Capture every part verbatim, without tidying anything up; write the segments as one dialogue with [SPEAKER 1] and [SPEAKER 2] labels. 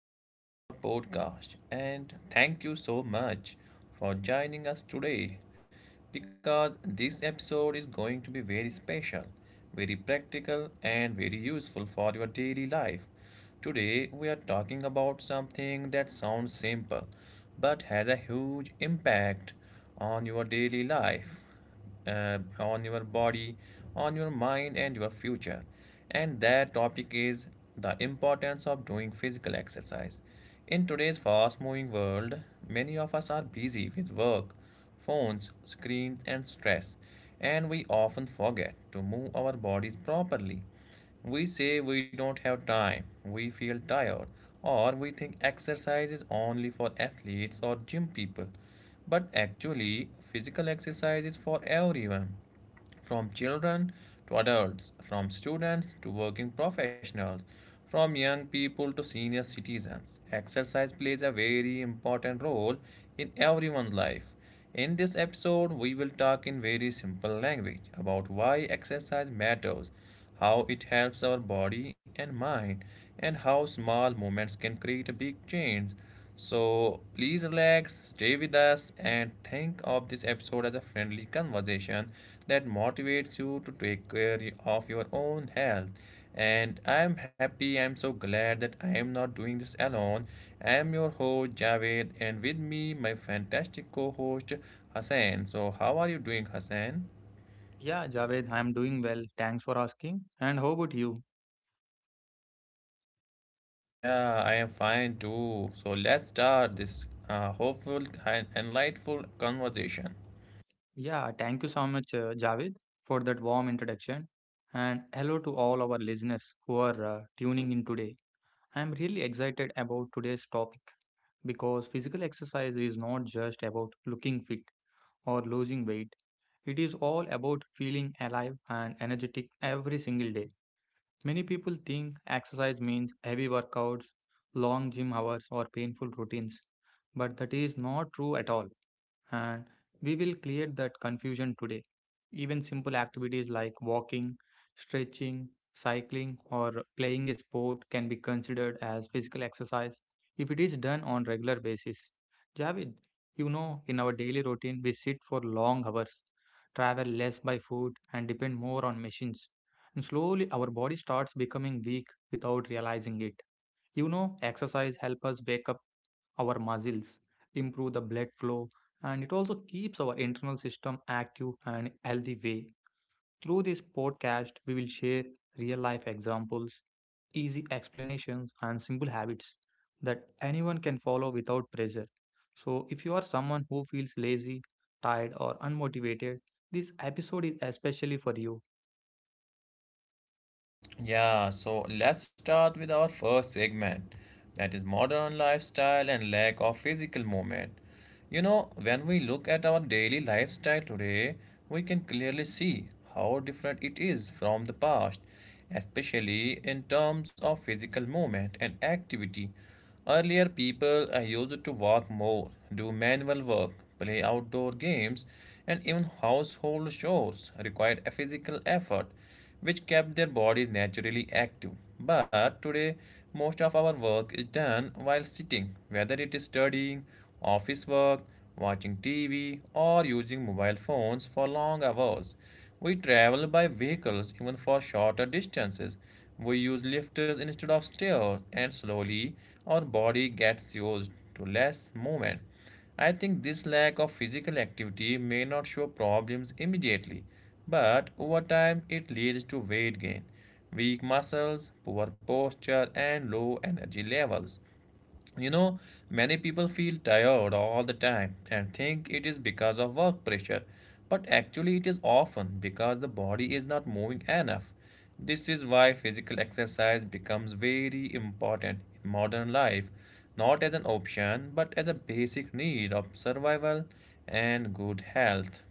[SPEAKER 1] Welcome to our podcast and thank you so much for joining us today because this episode is going to be very special, very practical, and very useful for your daily life. Today, we are talking about something that sounds simple but has a huge impact on your daily life, uh, on your body, on your mind, and your future. And that topic is the importance of doing physical exercise. In today's fast moving world, many of us are busy with work, phones, screens, and stress, and we often forget to move our bodies properly. We say we don't have time, we feel tired, or we think exercise is only for athletes or gym people. But actually, physical exercise is for everyone from children to adults, from students to working professionals, from young people to senior citizens. Exercise plays a very important role in everyone's life. In this episode, we will talk in very simple language about why exercise matters, how it helps our body and mind, and how small moments can create a big change. So please relax, stay with us, and think of this episode as a friendly conversation that motivates you to take care of your own health. And I am happy, I am so glad that I am not doing this alone. I am your host Javed, and with me, my fantastic co host Hassan. So, how are you doing, Hassan?
[SPEAKER 2] Yeah, Javed, I'm doing well. Thanks for asking. And how about you?
[SPEAKER 1] Yeah, I am fine too. So let's start this uh, hopeful and enlightful conversation.
[SPEAKER 2] Yeah, thank you so much, uh, Javed, for that warm introduction. And hello to all our listeners who are uh, tuning in today. I'm really excited about today's topic because physical exercise is not just about looking fit or losing weight. It is all about feeling alive and energetic every single day. Many people think exercise means heavy workouts, long gym hours, or painful routines, but that is not true at all and we will clear that confusion today. Even simple activities like walking, stretching, cycling, or playing a sport can be considered as physical exercise if it is done on regular basis. Javid, you know, in our daily routine, we sit for long hours, travel less by foot, and depend more on machines. And slowly, our body starts becoming weak without realizing it. You know, exercise helps us wake up our muscles, improve the blood flow, and it also keeps our internal system active and healthy way. Through this podcast, we will share real life examples, easy explanations, and simple habits that anyone can follow without pressure. So, if you are someone who feels lazy, tired, or unmotivated, this episode is especially for you.
[SPEAKER 1] Yeah, so let's start with our first segment that is modern lifestyle and lack of physical movement. You know, when we look at our daily lifestyle today, we can clearly see how different it is from the past, especially in terms of physical movement and activity. Earlier, people uh, used to walk more, do manual work, play outdoor games, and even household chores required a physical effort, which kept their bodies naturally active. But today, most of our work is done while sitting, whether it is studying, office work, watching T V, or using mobile phones for long hours. We travel by vehicles even for shorter distances, we use lifters instead of stairs, and slowly our body gets used to less movement. I think this lack of physical activity may not show problems immediately, but over time it leads to weight gain, weak muscles, poor posture, and low energy levels. You know, many people feel tired all the time and think it is because of work pressure, but actually, it is often because the body is not moving enough. This is why physical exercise becomes very important in modern life, not as an option but as a basic need of survival and good health.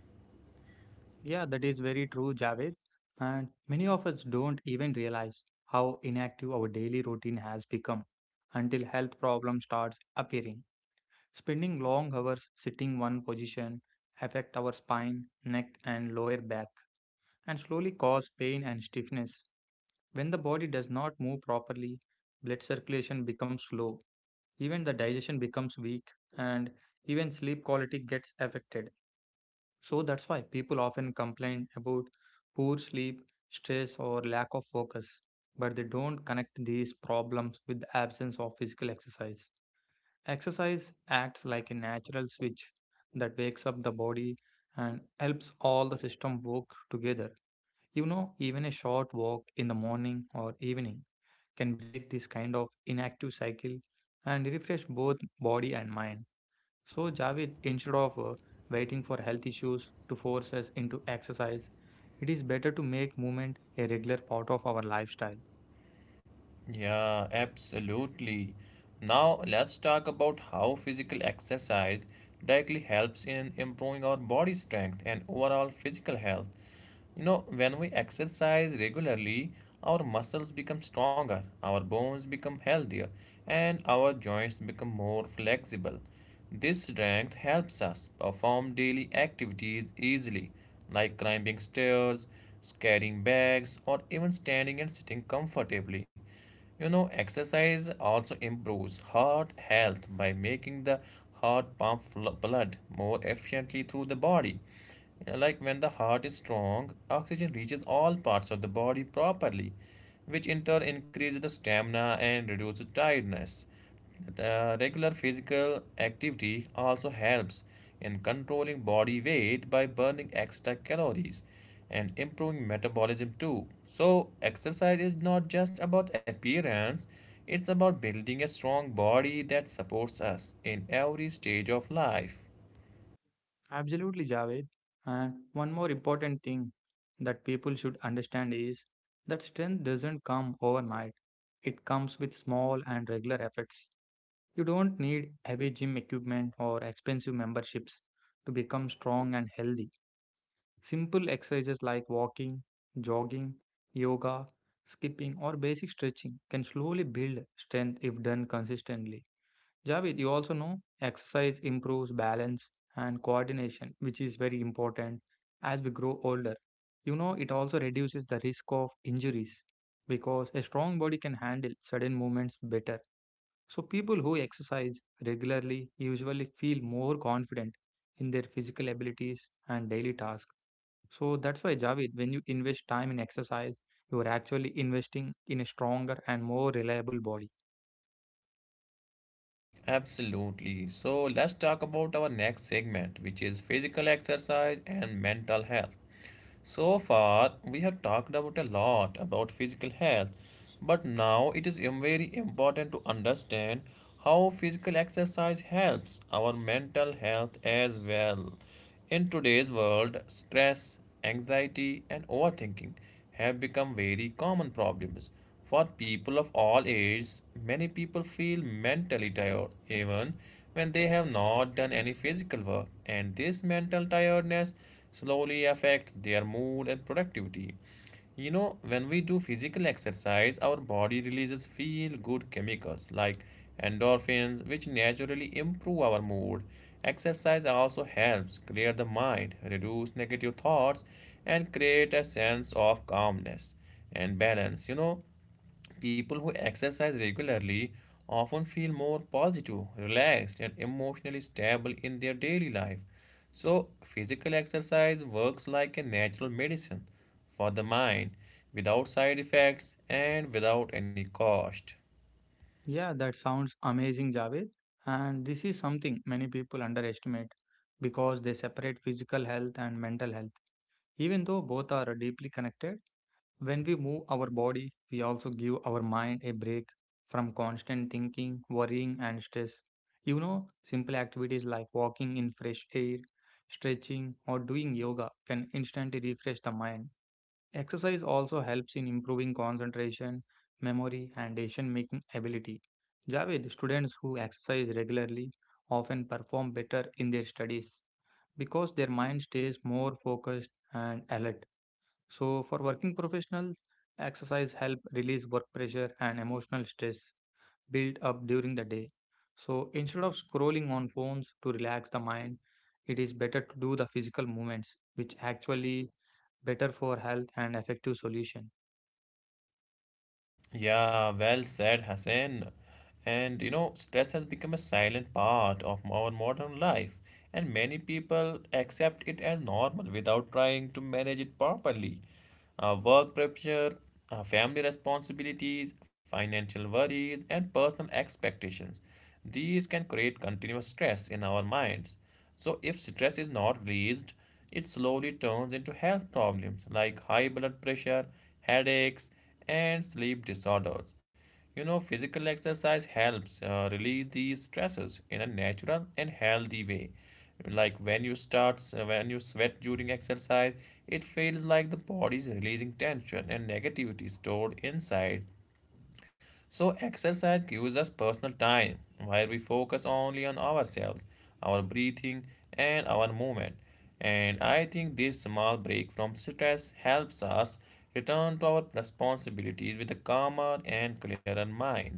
[SPEAKER 2] Yeah, that is very true, Javed. And many of us don't even realize how inactive our daily routine has become until health problems starts appearing. Spending long hours sitting one position affect our spine, neck and lower back and slowly cause pain and stiffness. When the body does not move properly, blood circulation becomes slow, even the digestion becomes weak and even sleep quality gets affected. So that's why people often complain about poor sleep, stress, or lack of focus, but they don't connect these problems with the absence of physical exercise. Exercise acts like a natural switch that wakes up the body and helps all the system work together. You know, even a short walk in the morning or evening can break this kind of inactive cycle and refresh both body and mind. So, Javed, instead of uh, waiting for health issues to force us into exercise, it is better to make movement a regular part of our lifestyle.
[SPEAKER 1] Yeah, absolutely. Now let's talk about how physical exercise directly helps in improving our body strength and overall physical health. You know, when we exercise regularly, our muscles become stronger, our bones become healthier, and our joints become more flexible. This strength helps us perform daily activities easily, like climbing stairs, carrying bags, or even standing and sitting comfortably. You know, exercise also improves heart health by making the heart pump fl- blood more efficiently through the body. You know, like when the heart is strong, oxygen reaches all parts of the body properly, which in turn increases the stamina and reduces tiredness. The regular physical activity also helps in controlling body weight by burning extra calories and improving metabolism too. So, exercise is not just about appearance, it's about building a strong body that supports us in every stage of life.
[SPEAKER 2] Absolutely, Javed. And one more important thing that people should understand is that strength doesn't come overnight, it comes with small and regular efforts. You don't need heavy gym equipment or expensive memberships to become strong and healthy. Simple exercises like walking, jogging, yoga, skipping, or basic stretching can slowly build strength if done consistently. Javed, you also know exercise improves balance and coordination, which is very important as we grow older. You know, it also reduces the risk of injuries because a strong body can handle sudden movements better. So, people who exercise regularly usually feel more confident in their physical abilities and daily tasks. So, that's why, Javed, when you invest time in exercise, you are actually investing in a stronger and more reliable body.
[SPEAKER 1] Absolutely. So, let's talk about our next segment, which is physical exercise and mental health. So far, we have talked about a lot about physical health, but now it is very important to understand how physical exercise helps our mental health as well. In today's world, stress, anxiety, and overthinking have become very common problems. For people of all ages, many people feel mentally tired even when they have not done any physical work, and this mental tiredness slowly affects their mood and productivity. You know, when we do physical exercise, our body releases feel good chemicals like endorphins, which naturally improve our mood. Exercise also helps clear the mind, reduce negative thoughts, and create a sense of calmness and balance. You know, people who exercise regularly often feel more positive, relaxed, and emotionally stable in their daily life. So, physical exercise works like a natural medicine for the mind without side effects and without any cost.
[SPEAKER 2] Yeah, that sounds amazing, Javed. And this is something many people underestimate because they separate physical health and mental health, even though both are deeply connected. When we move our body, we also give our mind a break from constant thinking, worrying, and stress. You know, simple activities like walking in fresh air, stretching, or doing yoga can instantly refresh the mind. Exercise also helps in improving concentration, memory, and decision making ability. Javed, students who exercise regularly often perform better in their studies because their mind stays more focused and alert. So, for working professionals, exercise help release work pressure and emotional stress built up during the day. So, instead of scrolling on phones to relax the mind, it is better to do the physical movements, which actually better for health and effective solution.
[SPEAKER 1] Yeah, well said, Hassan. And you know, stress has become a silent part of our modern life, and many people accept it as normal without trying to manage it properly. Uh, work pressure, uh, family responsibilities, financial worries, and personal expectations. These can create continuous stress in our minds. So, if stress is not released, it slowly turns into health problems like high blood pressure, headaches, and sleep disorders. You know, physical exercise helps uh, release these stresses in a natural and healthy way. Like when you start, uh, when you sweat during exercise, it feels like the body is releasing tension and negativity stored inside. So, exercise gives us personal time where we focus only on ourselves, our breathing, and our movement. And I think this small break from stress helps us return to our responsibilities with a calmer and clearer mind.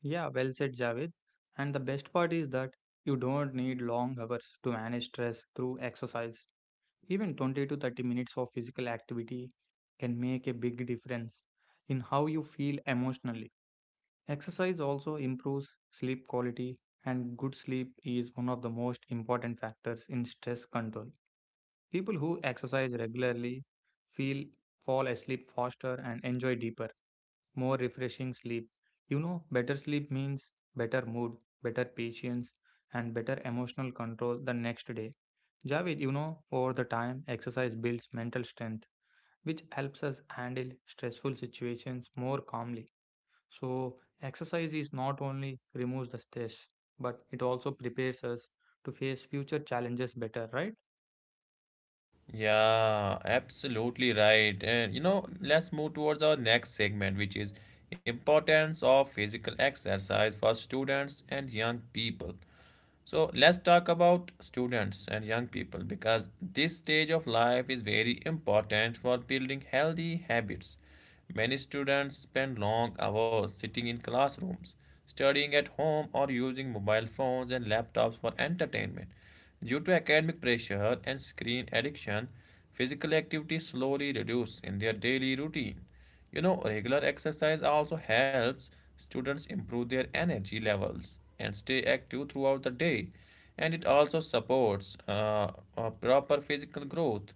[SPEAKER 2] Yeah, well said, Javed. And the best part is that you don't need long hours to manage stress through exercise. Even twenty to thirty minutes of physical activity can make a big difference in how you feel emotionally. Exercise also improves sleep quality, and good sleep is one of the most important factors in stress control. People who exercise regularly feel fall asleep faster and enjoy deeper, more refreshing sleep. You know, better sleep means better mood, better patience, and better emotional control the next day. Javed, you know, over the time, exercise builds mental strength, which helps us handle stressful situations more calmly. So, exercise is not only removes the stress, but it also prepares us to face future challenges better, right?
[SPEAKER 1] Yeah, absolutely right. And you know, let's move towards our next segment, which is importance of physical exercise for students and young people. So let's talk about students and young people because this stage of life is very important for building healthy habits. Many students spend long hours sitting in classrooms, studying at home, or using mobile phones and laptops for entertainment. Due to academic pressure and screen addiction, physical activity slowly reduces in their daily routine. You know, regular exercise also helps students improve their energy levels and stay active throughout the day. And it also supports uh, uh, proper physical growth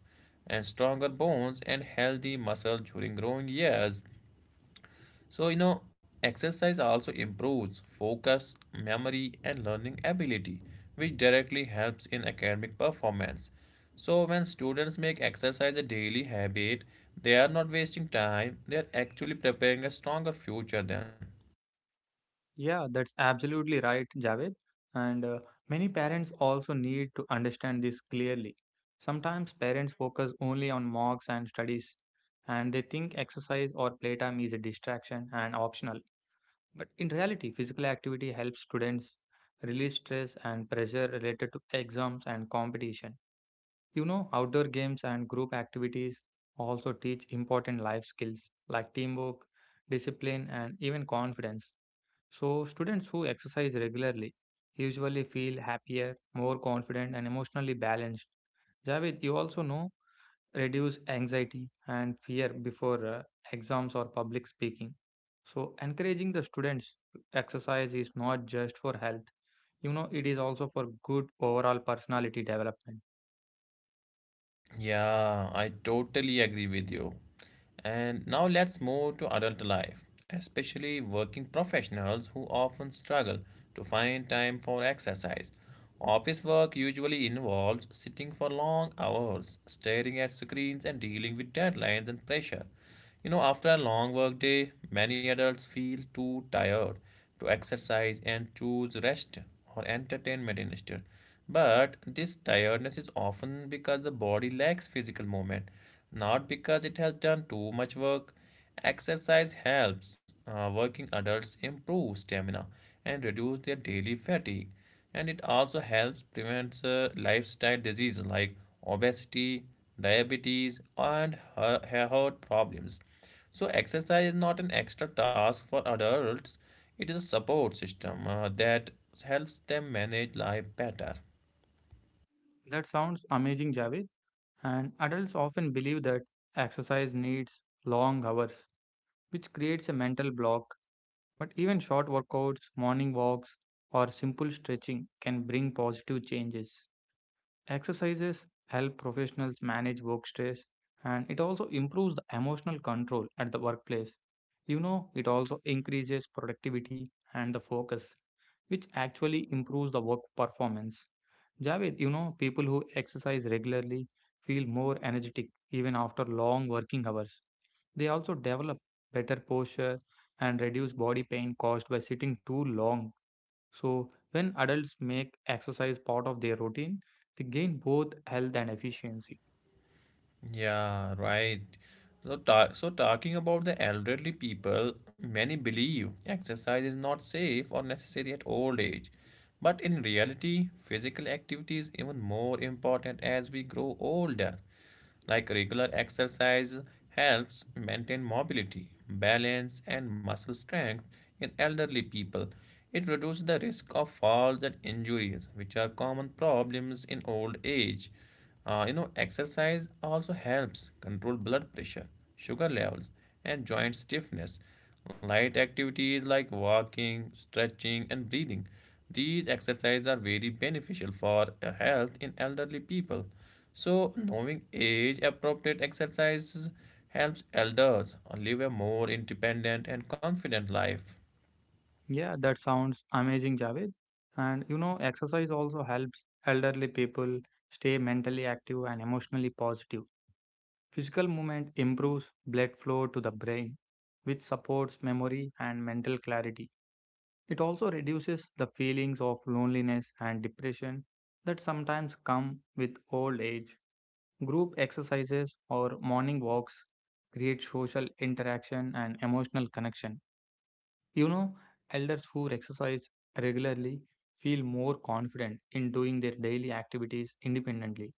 [SPEAKER 1] and stronger bones and healthy muscles during growing years. So, you know, exercise also improves focus, memory, and learning ability, which directly helps in academic performance. So, when students make exercise a daily habit, they are not wasting time, they are actually preparing a stronger future then.
[SPEAKER 2] Yeah, that's absolutely right, Javed. And uh, many parents also need to understand this clearly. Sometimes parents focus only on marks and studies, and they think exercise or playtime is a distraction and optional. But in reality, physical activity helps students release stress and pressure related to exams and competition. You know, outdoor games and group activities also teach important life skills like teamwork, discipline, and even confidence. So, students who exercise regularly usually feel happier, more confident, and emotionally balanced. Javed, you also know, reduce anxiety and fear before uh, exams or public speaking. So, encouraging the students to exercise is not just for health, you know, it is also for good overall personality development.
[SPEAKER 1] Yeah, I totally agree with you. And now let's move to adult life, especially working professionals who often struggle to find time for exercise. Office work usually involves sitting for long hours, staring at screens, and dealing with deadlines and pressure. You know, after a long work day, many adults feel too tired to exercise and choose rest or entertainment instead. But this tiredness is often because the body lacks physical movement, not because it has done too much work. Exercise helps uh, working adults improve stamina and reduce their daily fatigue, and it also helps prevent uh, lifestyle diseases like obesity, diabetes, and he- heart problems. So exercise is not an extra task for adults; it is a support system uh, that helps them manage life better.
[SPEAKER 2] That sounds amazing, Javed. And adults often believe that exercise needs long hours, which creates a mental block. But even short workouts, morning walks, or simple stretching can bring positive changes. Exercises help professionals manage work stress and it also improves the emotional control at the workplace. You know, it also increases productivity and the focus, which actually improves the work performance. Javed, you know, people who exercise regularly feel more energetic even after long working hours. They also develop better posture and reduce body pain caused by sitting too long. So, when adults make exercise part of their routine, they gain both health and efficiency.
[SPEAKER 1] Yeah, right. So, ta- so talking about the elderly people, many believe exercise is not safe or necessary at old age. But in reality, physical activity is even more important as we grow older. Like regular exercise helps maintain mobility, balance, and muscle strength in elderly people. It reduces the risk of falls and injuries, which are common problems in old age. Uh, you know, exercise also helps control blood pressure, sugar levels, and joint stiffness. Light activities like walking, stretching, and breathing. These exercises are very beneficial for uh, health in elderly people. So, knowing age appropriate exercises helps elders live a more independent and confident life.
[SPEAKER 2] Yeah, that sounds amazing, Javed. And you know, exercise also helps elderly people stay mentally active and emotionally positive. Physical movement improves blood flow to the brain, which supports memory and mental clarity. It also reduces the feelings of loneliness and depression that sometimes come with old age. Group exercises or morning walks create social interaction and emotional connection. You know, elders who exercise regularly feel more confident in doing their daily activities independently.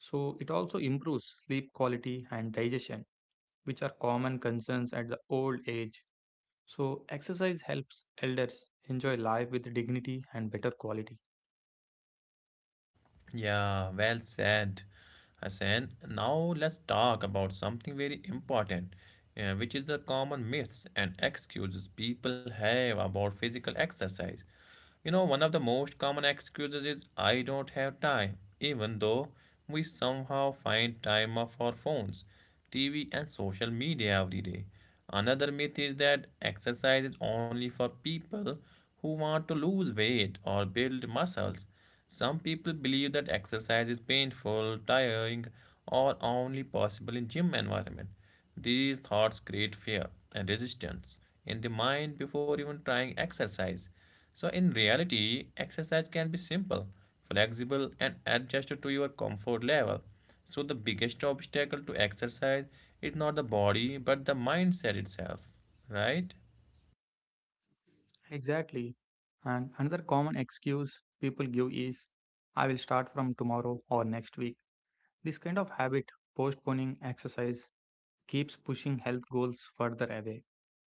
[SPEAKER 2] So, it also improves sleep quality and digestion, which are common concerns at the old age. So, exercise helps elders enjoy life with dignity and better quality.
[SPEAKER 1] Yeah, well said, Hassan. Now let's talk about something very important, uh, which is the common myths and excuses people have about physical exercise. You know, one of the most common excuses is I don't have time, even though we somehow find time off our phones, T V, and social media every day. Another myth is that exercise is only for people who want to lose weight or build muscles. Some people believe that exercise is painful, tiring, or only possible in gym environment. These thoughts create fear and resistance in the mind before even trying exercise. So in reality, exercise can be simple, flexible, and adjusted to your comfort level. So the biggest obstacle to exercise is not the body but the mindset itself, right?
[SPEAKER 2] Exactly. And another common excuse people give is, I will start from tomorrow or next week. This kind of habit, postponing exercise, keeps pushing health goals further away.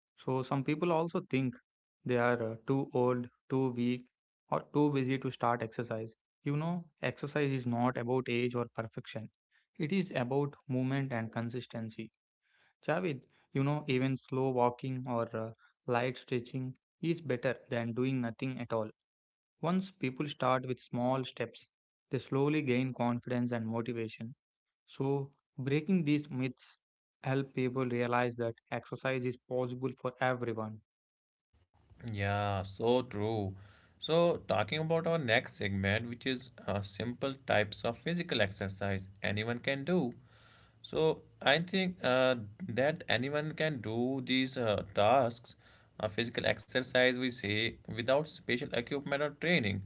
[SPEAKER 2] So, some people also think they are uh, too old, too weak, or too busy to start exercise. You know, exercise is not about age or perfection, it is about movement and consistency. Javed, you know, even slow walking or uh, light stretching is better than doing nothing at all. Once people start with small steps, they slowly gain confidence and motivation. So, breaking these myths help people realize that exercise is possible for everyone.
[SPEAKER 1] Yeah, so true. So, talking about our next segment, which is uh, simple types of physical exercise anyone can do. So, I think uh, that anyone can do these uh, tasks, uh, physical exercise, we say, without special equipment or training.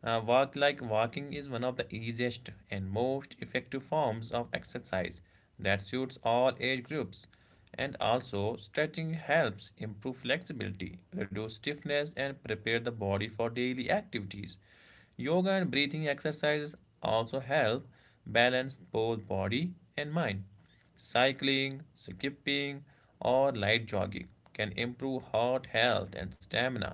[SPEAKER 1] Uh, work like walking is one of the easiest and most effective forms of exercise that suits all age groups. And also, stretching helps improve flexibility, reduce stiffness, and prepare the body for daily activities. Yoga and breathing exercises also help balance both body and mind. Cycling, skipping, or light jogging can improve heart health and stamina.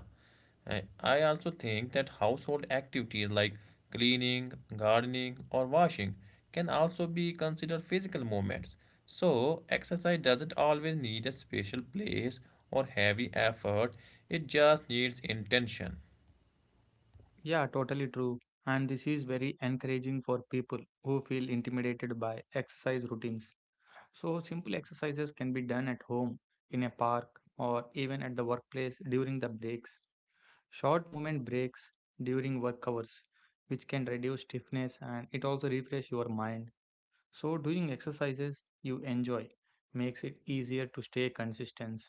[SPEAKER 1] I I also think that household activities like cleaning, gardening, or washing can also be considered physical movements. So, exercise doesn't always need a special place or heavy effort, it just needs intention.
[SPEAKER 2] Yeah, totally true. And this is very encouraging for people who feel intimidated by exercise routines. So, simple exercises can be done at home, in a park, or even at the workplace during the breaks. Short movement breaks during work hours, which can reduce stiffness and it also refresh your mind. So, doing exercises you enjoy makes it easier to stay consistent.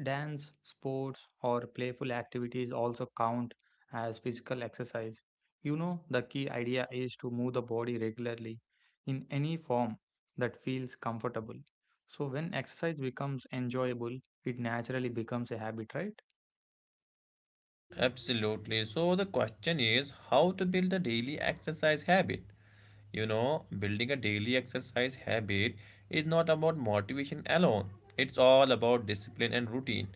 [SPEAKER 2] Dance, sports, or playful activities also count as physical exercise. You know, the key idea is to move the body regularly in any form that feels comfortable. So, when exercise becomes enjoyable, it naturally becomes a habit, right?
[SPEAKER 1] Absolutely. So the question is how to build a daily exercise habit. You know, building a daily exercise habit is not about motivation alone. It's all about discipline and routine.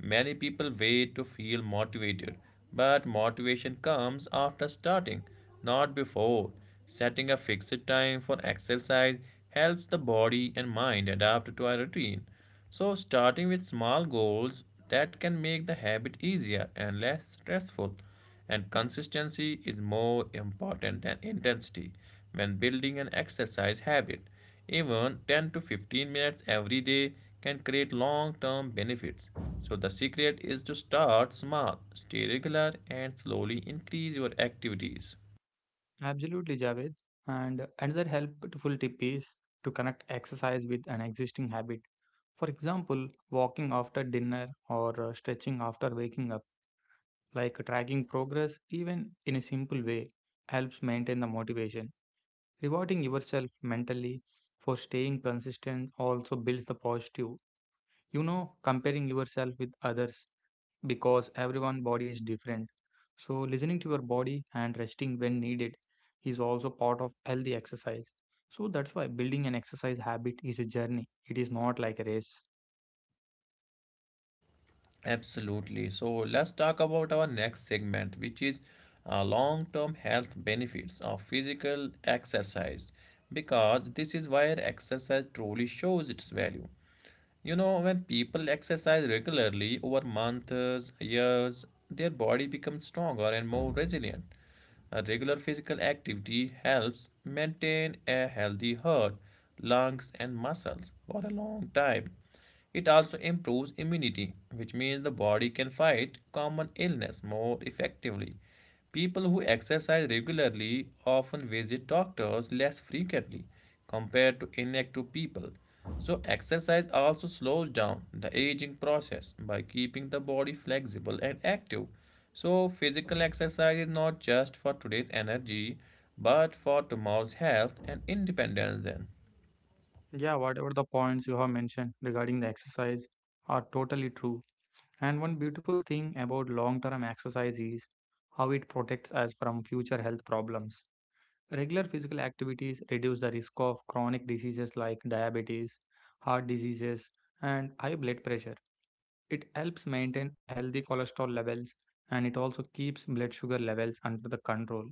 [SPEAKER 1] Many people wait to feel motivated, but motivation comes after starting, not before. Setting a fixed time for exercise helps the body and mind adapt to a routine. So, starting with small goals that can make the habit easier and less stressful. And consistency is more important than intensity when building an exercise habit. Even ten to fifteen minutes every day can create long term benefits. So, the secret is to start small, stay regular, and slowly increase your activities.
[SPEAKER 2] Absolutely, Javed. And another helpful tip is to connect exercise with an existing habit. For example, walking after dinner or uh, stretching after waking up. Like tracking progress even in a simple way helps maintain the motivation, rewarding yourself mentally for staying consistent also builds the positive, you know, comparing yourself with others, because everyone body is different. So listening to your body and resting when needed is also part of healthy exercise. So that's why building an exercise habit is a journey, it is not like a race.
[SPEAKER 1] Absolutely. So let's talk about our next segment, which is uh, long term health benefits of physical exercise, because this is where exercise truly shows its value. You know, when people exercise regularly over months, years, their body becomes stronger and more resilient. A regular physical activity helps maintain a healthy heart, lungs, and muscles for a long time. It also improves immunity, which means the body can fight common illness more effectively. People who exercise regularly often visit doctors less frequently compared to inactive people. So, exercise also slows down the aging process by keeping the body flexible and active. So, physical exercise is not just for today's energy but for tomorrow's health and independence, then.
[SPEAKER 2] Yeah, whatever the points you have mentioned regarding the exercise are totally true. And one beautiful thing about long term exercise is how it protects us from future health problems. Regular physical activities reduce the risk of chronic diseases like diabetes, heart diseases, and high blood pressure. It helps maintain healthy cholesterol levels and it also keeps blood sugar levels under the control.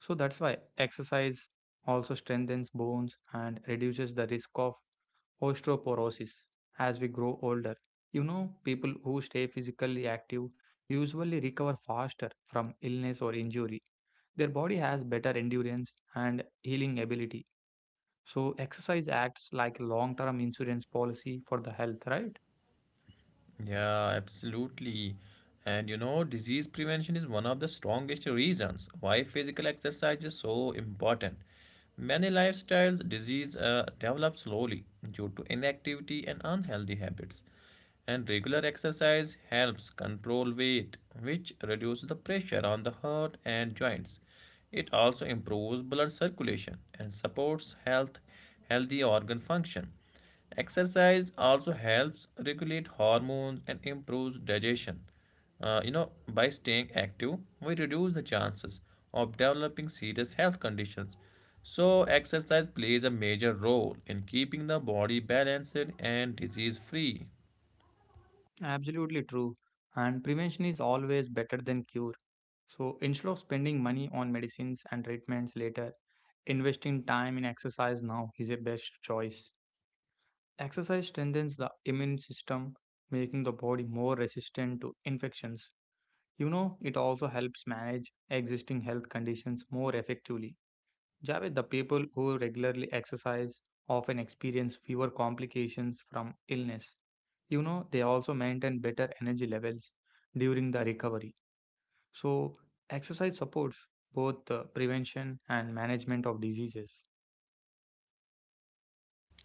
[SPEAKER 2] So that's why exercise also strengthens bones and reduces the risk of osteoporosis as we grow older. You know, people who stay physically active usually recover faster from illness or injury. Their body has better endurance and healing ability. So, exercise acts like a long term insurance policy for the health, right?
[SPEAKER 1] Yeah, absolutely. And you know, disease prevention is one of the strongest reasons why physical exercise is so important. Many lifestyles disease uh, develop slowly due to inactivity and unhealthy habits. And regular exercise helps control weight, which reduces the pressure on the heart and joints. It also improves blood circulation and supports health, healthy organ function. Exercise also helps regulate hormones and improves digestion. Uh, you know, by staying active, we reduce the chances of developing serious health conditions. So, exercise plays a major role in keeping the body balanced and disease free.
[SPEAKER 2] Absolutely true. And prevention is always better than cure. So instead of spending money on medicines and treatments later, investing time in exercise now is a best choice. Exercise strengthens the immune system, making the body more resistant to infections. You know, it also helps manage existing health conditions more effectively. Javed, the people who regularly exercise often experience fewer complications from illness. You know, they also maintain better energy levels during the recovery. So, exercise supports both the prevention and management of diseases.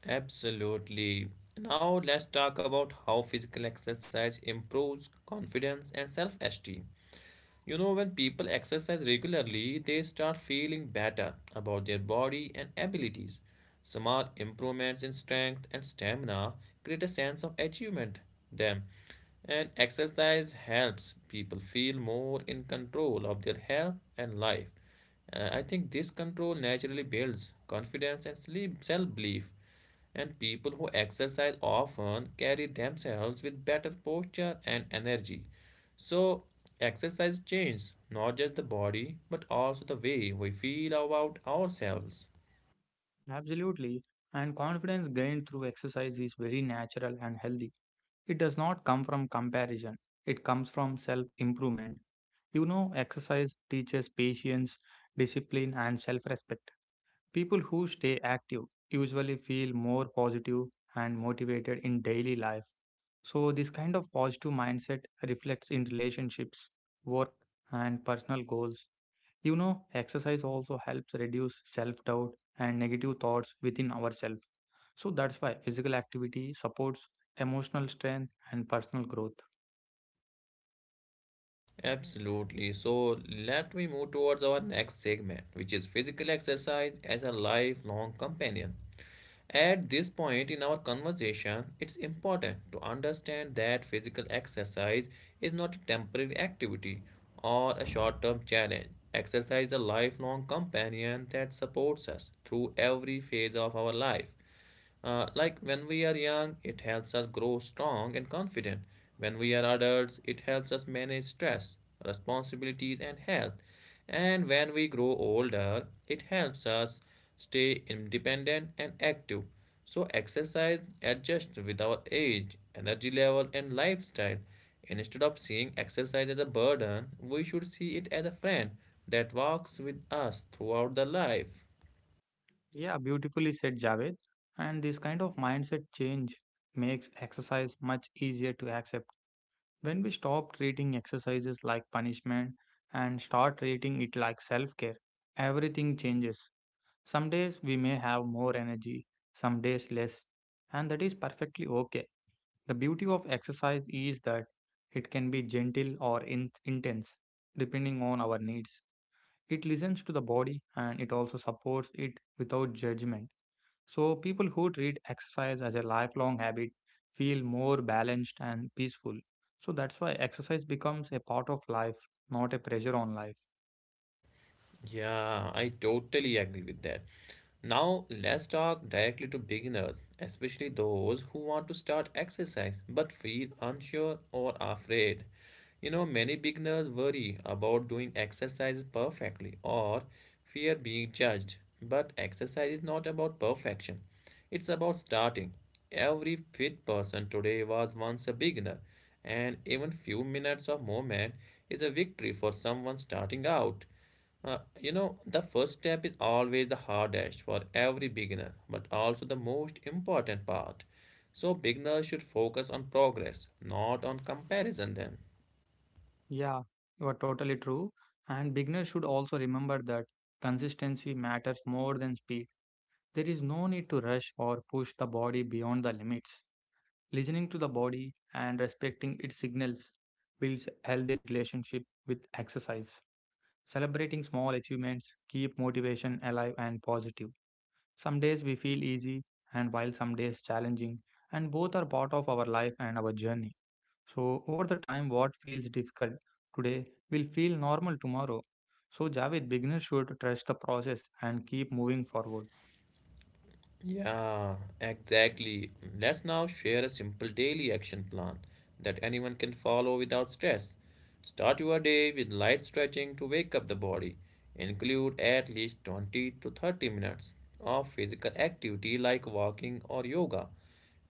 [SPEAKER 1] Absolutely. Now let's talk about how physical exercise improves confidence and self-esteem. You know, when people exercise regularly, they start feeling better about their body and abilities. Small improvements in strength and stamina create a sense of achievement them. And exercise helps people feel more in control of their health and life. Uh, I think this control naturally builds confidence and self belief and people who exercise often carry themselves with better posture and energy. So, exercise changes not just the body but also the way we feel about ourselves.
[SPEAKER 2] Absolutely. And confidence gained through exercise is very natural and healthy. It does not come from comparison, it comes from self improvement. You know, exercise teaches patience, discipline, and self respect. People who stay active usually feel more positive and motivated in daily life. So, this kind of positive mindset reflects in relationships, work, and personal goals. You know, exercise also helps reduce self doubt and negative thoughts within ourselves. So, that's why physical activity supports emotional strength and personal growth.
[SPEAKER 1] Absolutely. So, let me move towards our next segment, which is physical exercise as a lifelong companion. At this point in our conversation, it's important to understand that physical exercise is not a temporary activity or a short term challenge. Exercise is a lifelong companion that supports us through every phase of our life. Uh, like when we are young, it helps us grow strong and confident. When we are adults, it helps us manage stress, responsibilities, and health. And when we grow older, it helps us stay independent and active. So, exercise adjusts with our age, energy level, and lifestyle. Instead of seeing exercise as a burden, we should see it as a friend that walks with us throughout the life.
[SPEAKER 2] Yeah, beautifully said, Javed. And this kind of mindset change makes exercise much easier to accept. When we stop treating exercises like punishment and start treating it like self care, everything changes. Some days we may have more energy, some days less, and that is perfectly okay. The beauty of exercise is that it can be gentle or in- intense, depending on our needs. It listens to the body and it also supports it without judgment. So, people who treat exercise as a lifelong habit feel more balanced and peaceful. So, that's why exercise becomes a part of life, not a pressure on life.
[SPEAKER 1] Yeah, I totally agree with that. Now, let's talk directly to beginners, especially those who want to start exercise but feel unsure or afraid. You know, many beginners worry about doing exercises perfectly or fear being judged. But exercise is not about perfection, it's about starting. Every fit person today was once a beginner, and even few minutes of movement is a victory for someone starting out. Uh, you know, the first step is always the hardest for every beginner, but also the most important part. So, beginners should focus on progress, not on comparison, then.
[SPEAKER 2] Yeah, you are totally true. And beginners should also remember that consistency matters more than speed. There is no need to rush or push the body beyond the limits. Listening to the body and respecting its signals builds healthy relationship with exercise. Celebrating small achievements keep motivation alive and positive. Some days we feel easy, and while some days challenging, and both are part of our life and our journey. So, over the time, what feels difficult today will feel normal tomorrow. So, Javed, beginners should trust the process and keep moving forward.
[SPEAKER 1] Yeah, exactly. Let's now share a simple daily action plan that anyone can follow without stress. Start your day with light stretching to wake up the body. Include at least twenty to thirty minutes of physical activity like walking or yoga.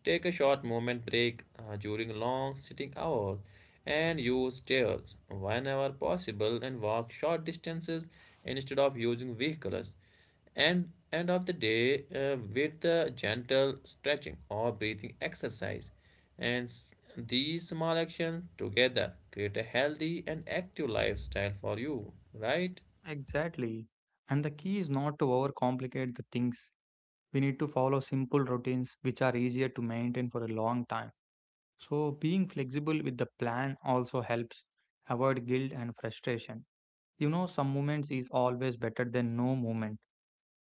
[SPEAKER 1] Take a short moment break uh, during long sitting hours and use stairs whenever possible and walk short distances instead of using vehicles. And end of the day uh, with the gentle stretching or breathing exercise. And these small actions together create a healthy and active lifestyle for you, right?
[SPEAKER 2] Exactly. And the key is not to overcomplicate the things. We need to follow simple routines which are easier to maintain for a long time. So, being flexible with the plan also helps avoid guilt and frustration. You know, some movements is always better than no movement.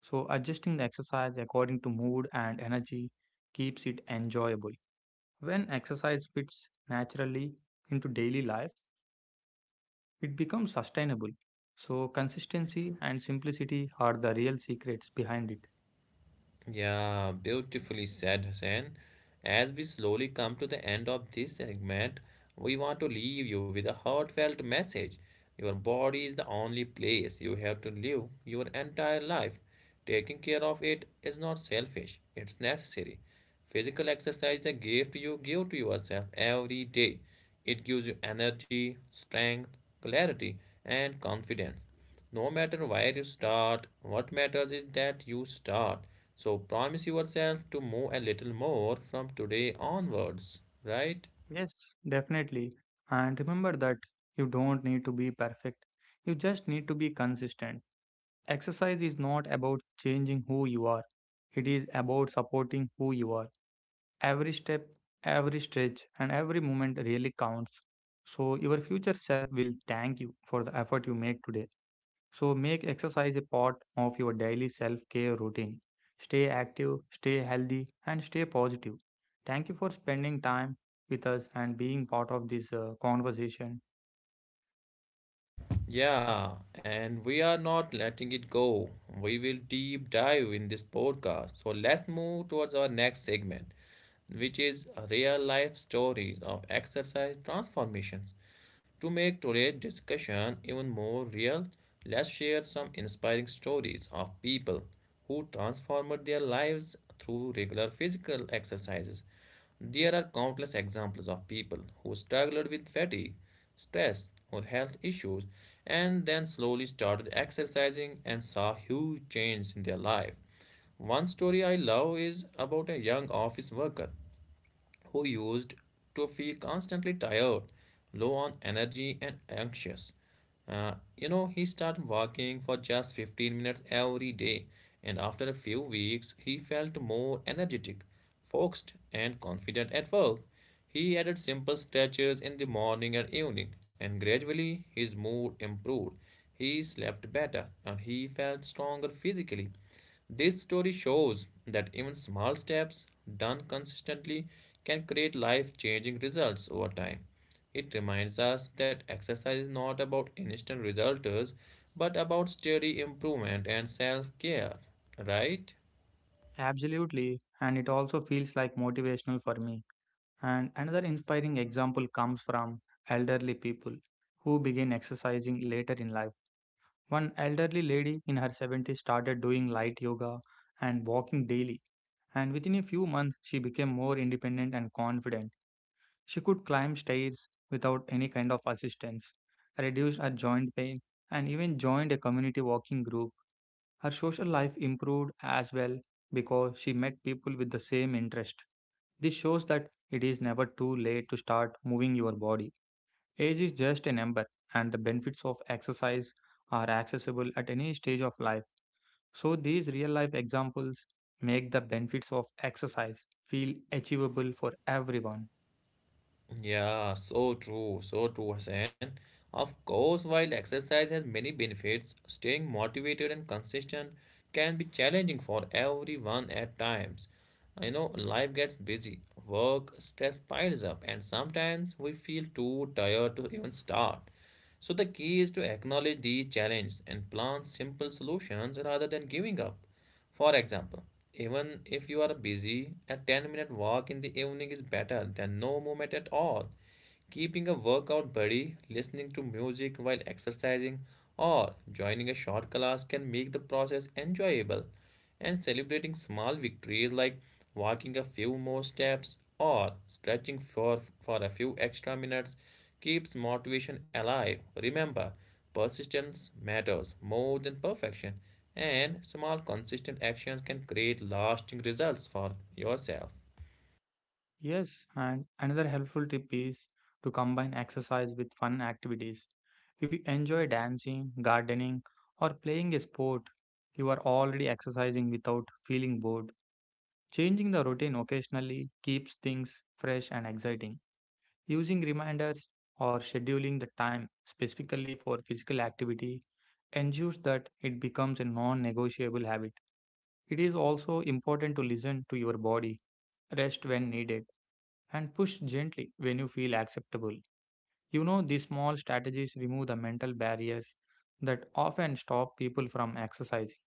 [SPEAKER 2] So, adjusting the exercise according to mood and energy keeps it enjoyable. When exercise fits naturally into daily life, it becomes sustainable. So, consistency and simplicity are the real secrets behind it.
[SPEAKER 1] Yeah, beautifully said, Hussein. As we slowly come to the end of this segment, we want to leave you with a heartfelt message. Your body is the only place you have to live your entire life. Taking care of it is not selfish, it's necessary. Physical exercise is a gift you give to yourself every day. It gives you energy, strength, clarity, and confidence. No matter where you start, what matters is that you start. So promise yourself to move a little more from today onwards, right?
[SPEAKER 2] Yes, definitely. And remember that you don't need to be perfect, you just need to be consistent. Exercise is not about changing who you are, it is about supporting who you are. Every step, every stretch, and every moment really counts. So, your future self will thank you for the effort you make today. So, make exercise a part of your daily self care routine. Stay active, stay healthy, and stay positive. Thank you for spending time with us and being part of this uh, conversation.
[SPEAKER 1] Yeah, and we are not letting it go. We will deep dive in this podcast. So let's move towards our next segment which is real life stories of exercise transformations. To make today's discussion even more real, let's share some inspiring stories of people who transformed their lives through regular physical exercises. There are countless examples of people who struggled with fatigue, stress, or health issues and then slowly started exercising and saw huge changes in their life. One story I love is about a young office worker who used to feel constantly tired, low on energy, and anxious. Uh, you know, he started walking for just fifteen minutes every day, and after a few weeks, he felt more energetic, focused, and confident at work. He added simple stretches in the morning and evening, and gradually his mood improved. He slept better and he felt stronger physically. This story shows that even small steps done consistently can create life changing results over time. It reminds us that exercise is not about instant results but about steady improvement and self care, right?
[SPEAKER 2] Absolutely, and it also feels like motivational for me. And another inspiring example comes from elderly people who begin exercising later in life. One elderly lady in her seventies started doing light yoga and walking daily, and within a few months, she became more independent and confident. She could climb stairs without any kind of assistance, reduced her joint pain, and even joined a community walking group. Her social life improved as well because she met people with the same interest. This shows that it is never too late to start moving your body. Age is just a number, and the benefits of exercise are accessible at any stage of life. So, these real life examples make the benefits of exercise feel achievable for everyone.
[SPEAKER 1] Yeah, so true, so true, Hassan. Of course, while exercise has many benefits, staying motivated and consistent can be challenging for everyone at times. You know, life gets busy, work, stress piles up, and sometimes we feel too tired to even start. So the key is to acknowledge these challenges and plan simple solutions rather than giving up. For example, even if you are busy, a ten minute walk in the evening is better than no movement at all. Keeping a workout buddy, listening to music while exercising, or joining a short class can make the process enjoyable. And celebrating small victories like walking a few more steps or stretching for, for a few extra minutes keeps motivation alive. Remember, persistence matters more than perfection, and small consistent actions can create lasting results for yourself.
[SPEAKER 2] Yes, and another helpful tip is to combine exercise with fun activities. If you enjoy dancing, gardening, or playing a sport, you are already exercising without feeling bored. Changing the routine occasionally keeps things fresh and exciting. Using reminders or scheduling the time specifically for physical activity ensures that it becomes a non negotiable habit. It is also important to listen to your body, rest when needed, and push gently when you feel acceptable. You know, these small strategies remove the mental barriers that often stop people from exercising.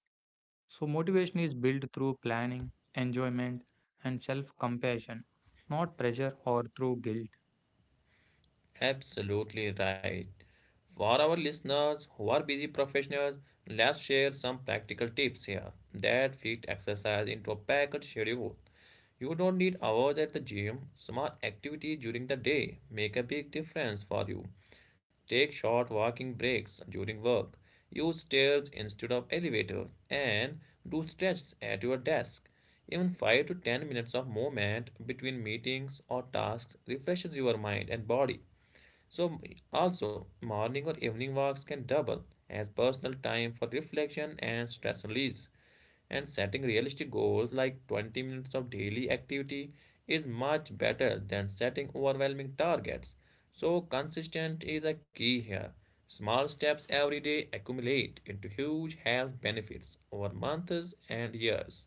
[SPEAKER 2] So, motivation is built through planning, enjoyment, and self compassion, not pressure or through guilt.
[SPEAKER 1] Absolutely right. For our listeners who are busy professionals, let's share some practical tips here that fit exercise into a packed schedule. You don't need hours at the gym. Small activities during the day make a big difference for you. Take short walking breaks during work. Use stairs instead of elevators and do stretches at your desk. Even five to ten minutes of movement between meetings or tasks refreshes your mind and body. So, also, morning or evening walks can double as personal time for reflection and stress release. And setting realistic goals like twenty minutes of daily activity is much better than setting overwhelming targets. So, consistent is a key here. Small steps every day accumulate into huge health benefits over months and years.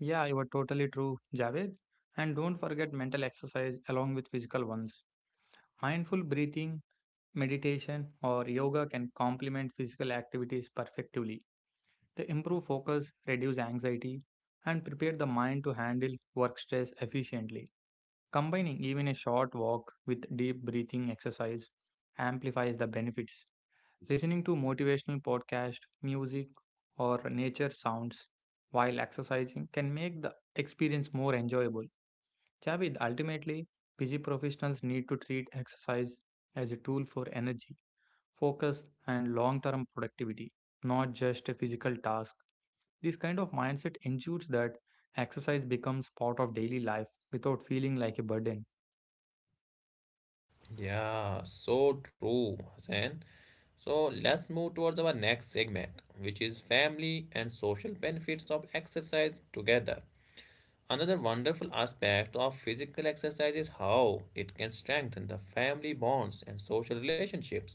[SPEAKER 2] Yeah, you are totally true, Javed. And don't forget mental exercise along with physical ones. Mindful breathing, meditation, or yoga can complement physical activities perfectly. They improve focus, reduce anxiety, and prepare the mind to handle work stress efficiently. Combining even a short walk with deep breathing exercise amplifies the benefits. Listening to motivational podcast, music, or nature sounds while exercising can make the experience more enjoyable. Javid, ultimately, busy professionals need to treat exercise as a tool for energy, focus, and long term productivity, not just a physical task. This kind of mindset ensures that exercise becomes part of daily life without feeling like a burden.
[SPEAKER 1] Yeah, so true, Hassan. So let's move towards our next segment, which is family and social benefits of exercise together. Another wonderful aspect of physical exercise is how it can strengthen the family bonds and social relationships.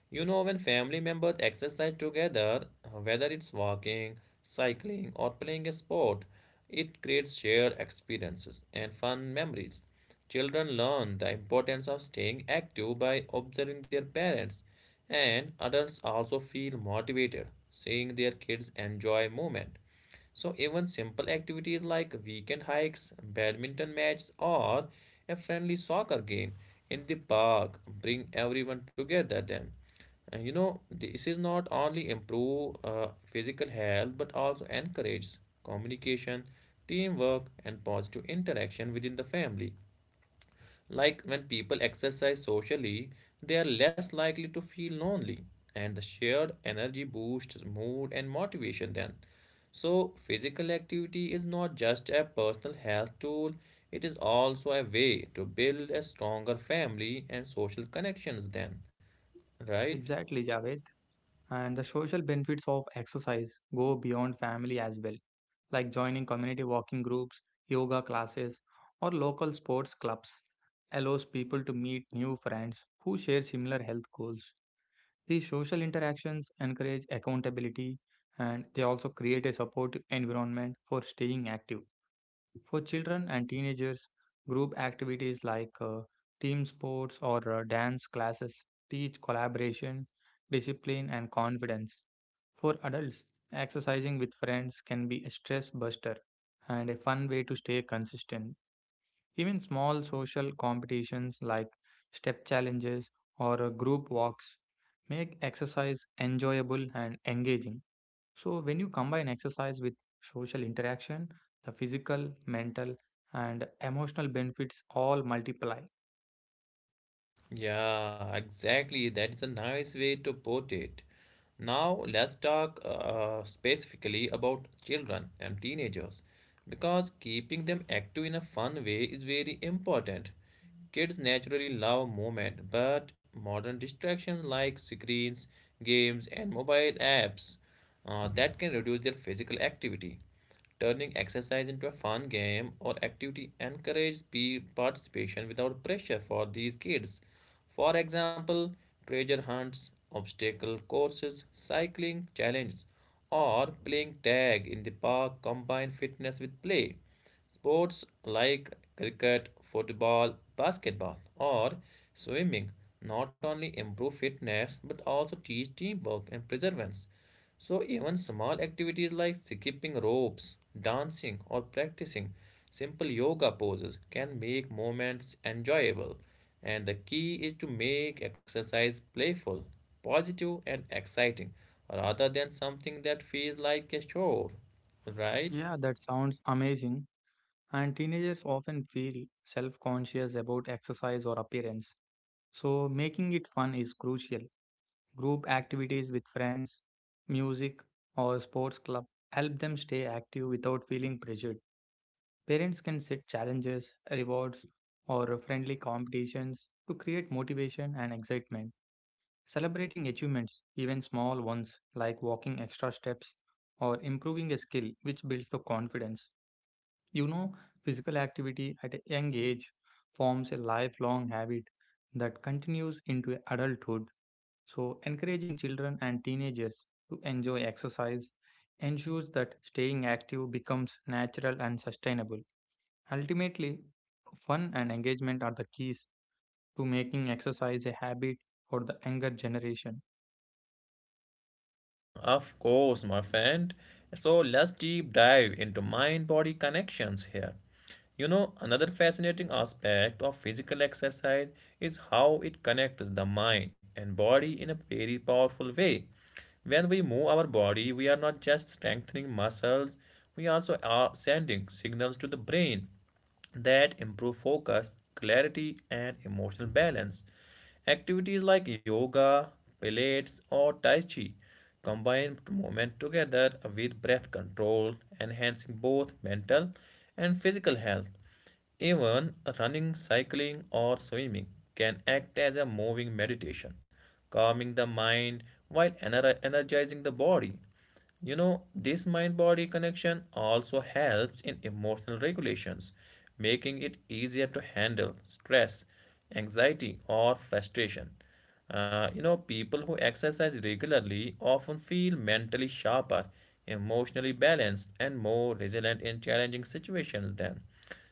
[SPEAKER 1] You know, when family members exercise together, uh, whether it's walking, cycling, or playing a sport, it creates shared experiences and fun memories. Children learn the importance of staying active by observing their parents, and adults also feel motivated seeing their kids enjoy movement. So even simple activities like weekend hikes, badminton matches, or a friendly soccer game in the park bring everyone together then. And you know, this is not only improve uh, physical health but also encourages communication, teamwork, and positive interaction within the family. Like when people exercise socially, they are less likely to feel lonely, and the shared energy boosts mood and motivation then. So, physical activity is not just a personal health tool, it is also a way to build a stronger family and social connections then, right?
[SPEAKER 2] Exactly, Javed. And the social benefits of exercise go beyond family as well. Like joining community walking groups, yoga classes, or local sports clubs allows people to meet new friends who share similar health goals. These social interactions encourage accountability and they also create a support environment for staying active. For children and teenagers, group activities like uh, team sports or uh, dance classes teach collaboration, discipline, and confidence. For adults, exercising with friends can be a stress buster and a fun way to stay consistent. Even small social competitions like step challenges or uh, group walks make exercise enjoyable and engaging. So, when you combine exercise with social interaction, the physical, mental, and emotional benefits all multiply.
[SPEAKER 1] Yeah, exactly. That is a nice way to put it. Now let's talk uh, specifically about children and teenagers because keeping them active in a fun way is very important. Kids naturally love movement, but modern distractions like screens, games, and mobile apps uh, that can reduce their physical activity. Turning exercise into a fun game or activity encourages pe- participation without pressure for these kids. For example, treasure hunts, obstacle courses, cycling challenges, or playing tag in the park combine fitness with play. Sports like cricket, football, basketball, or swimming not only improve fitness but also teach teamwork and perseverance. So, even small activities like skipping ropes, dancing, or practicing simple yoga poses can make moments enjoyable. And the key is to make exercise playful, positive, and exciting rather than something that feels like a chore, right?
[SPEAKER 2] Yeah, that sounds amazing. And teenagers often feel self conscious about exercise or appearance. So, making it fun is crucial. Group activities with friends, music, or sports club help them stay active without feeling pressured. Parents can set challenges, rewards, or friendly competitions to create motivation and excitement. Celebrating achievements, even small ones like walking extra steps or improving a skill, which builds the confidence. You know, physical activity at a young age forms a lifelong habit that continues into adulthood. So, encouraging children and teenagers to enjoy exercise ensures that staying active becomes natural and sustainable. Ultimately, fun and engagement are the keys to making exercise a habit for the younger generation.
[SPEAKER 1] Of course, my friend. So let's deep dive into mind body connections here. You know, another fascinating aspect of physical exercise is how it connects the mind and body in a very powerful way. When we move our body, we are not just strengthening muscles, we also are sending signals to the brain that improve focus, clarity, and emotional balance. Activities like yoga, pilates, or tai chi combine movement together with breath control, enhancing both mental and physical health. Even running, cycling, or swimming can act as a moving meditation, calming the mind while ener- energizing the body. You know, this mind body connection also helps in emotional regulations, making it easier to handle stress, anxiety, or frustration. Uh, you know, people who exercise regularly often feel mentally sharper, emotionally balanced, and more resilient in challenging situations than.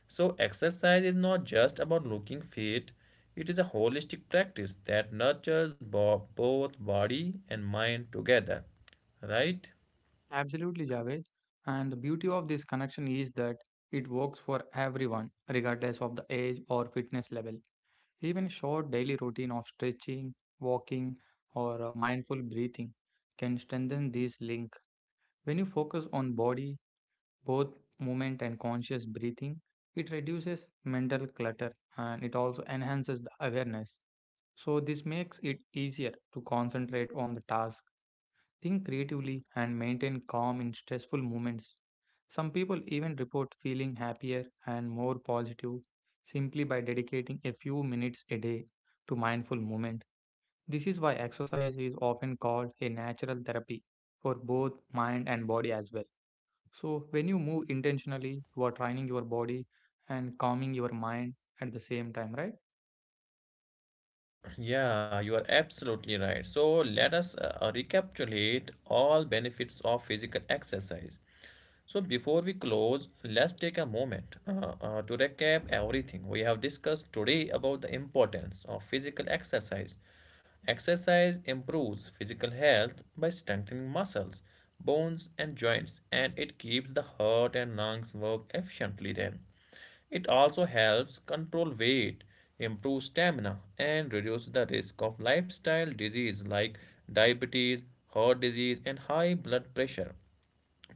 [SPEAKER 1] So, exercise is not just about looking fit, it is a holistic practice that nurtures bo- both body and mind together, right?
[SPEAKER 2] Absolutely, Javed. And the beauty of this connection is that it works for everyone, regardless of the age or fitness level. Even short daily routine of stretching, walking, or uh, mindful breathing can strengthen this link. When you focus on body, both movement and conscious breathing, it reduces mental clutter and it also enhances the awareness. So this makes it easier to concentrate on the task. Think creatively and maintain calm in stressful moments. Some people even report feeling happier and more positive simply by dedicating a few minutes a day to mindful movement. This is why exercise is often called a natural therapy for both mind and body as well. So, when you move intentionally, you are training your body and calming your mind at the same time, right?
[SPEAKER 1] Yeah, you are absolutely right. So let us uh, recapitulate all benefits of physical exercise. So before we close, let's take a moment uh, uh, to recap everything we have discussed today about the importance of physical exercise. Exercise improves physical health by strengthening muscles, bones, and joints, and it keeps the heart and lungs work efficiently then. It also helps control weight, improve stamina, and reduce the risk of lifestyle disease like diabetes, heart disease, and high blood pressure.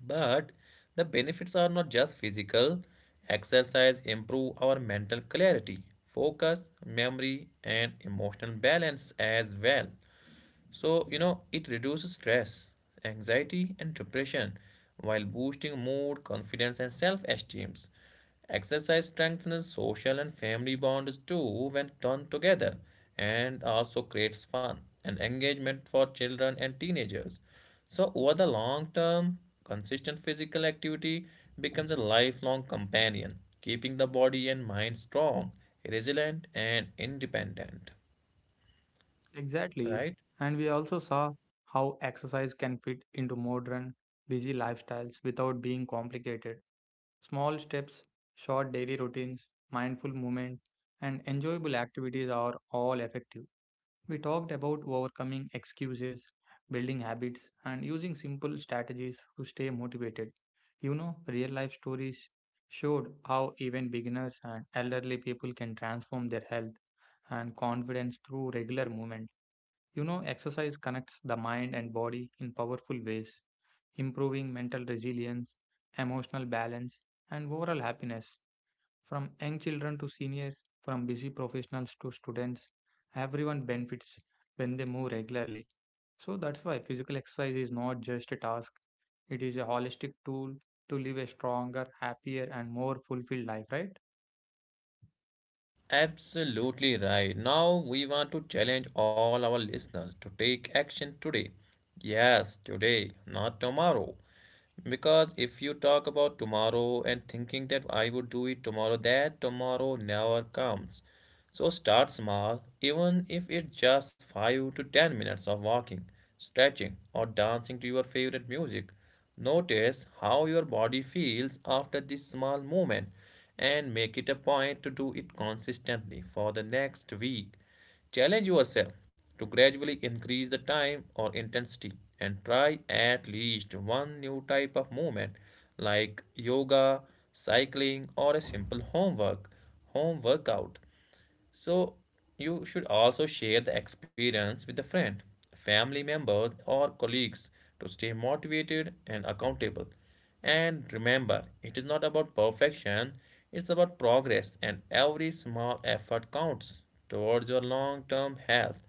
[SPEAKER 1] But the benefits are not just physical. Exercise improve our mental clarity, focus, memory, and emotional balance as well. So, you know, it reduces stress, anxiety, and depression while boosting mood, confidence, and self esteem. Exercise strengthens social and family bonds too when done together and also creates fun and engagement for children and teenagers. So, over the long term, consistent physical activity becomes a lifelong companion, keeping the body and mind strong, resilient, and independent.
[SPEAKER 2] Exactly.
[SPEAKER 1] Right?
[SPEAKER 2] And we also saw how exercise can fit into modern, busy lifestyles without being complicated. Small steps, short daily routines, mindful movement, and enjoyable activities are all effective. We talked about overcoming excuses, building habits, and using simple strategies to stay motivated. You know, real life stories showed how even beginners and elderly people can transform their health and confidence through regular movement. You know, exercise connects the mind and body in powerful ways, improving mental resilience, emotional balance, and overall happiness. From young children to seniors, from busy professionals to students, everyone benefits when they move regularly. So that's why physical exercise is not just a task, it is a holistic tool to live a stronger, happier, and more fulfilled life, right?
[SPEAKER 1] Absolutely right. Now, we want to challenge all our listeners to take action today. Yes, today, not tomorrow. Because if you talk about tomorrow and thinking that I would do it tomorrow, that tomorrow never comes. So start small, even if it's just five to ten minutes of walking, stretching, or dancing to your favorite music. Notice how your body feels after this small movement and make it a point to do it consistently for the next week. Challenge yourself to gradually increase the time or intensity and try at least one new type of movement like yoga, cycling, or a simple homework, home workout. So, you should also share the experience with a friend, family members, or colleagues to stay motivated and accountable. And remember, it is not about perfection, it's about progress, and every small effort counts towards your long term health.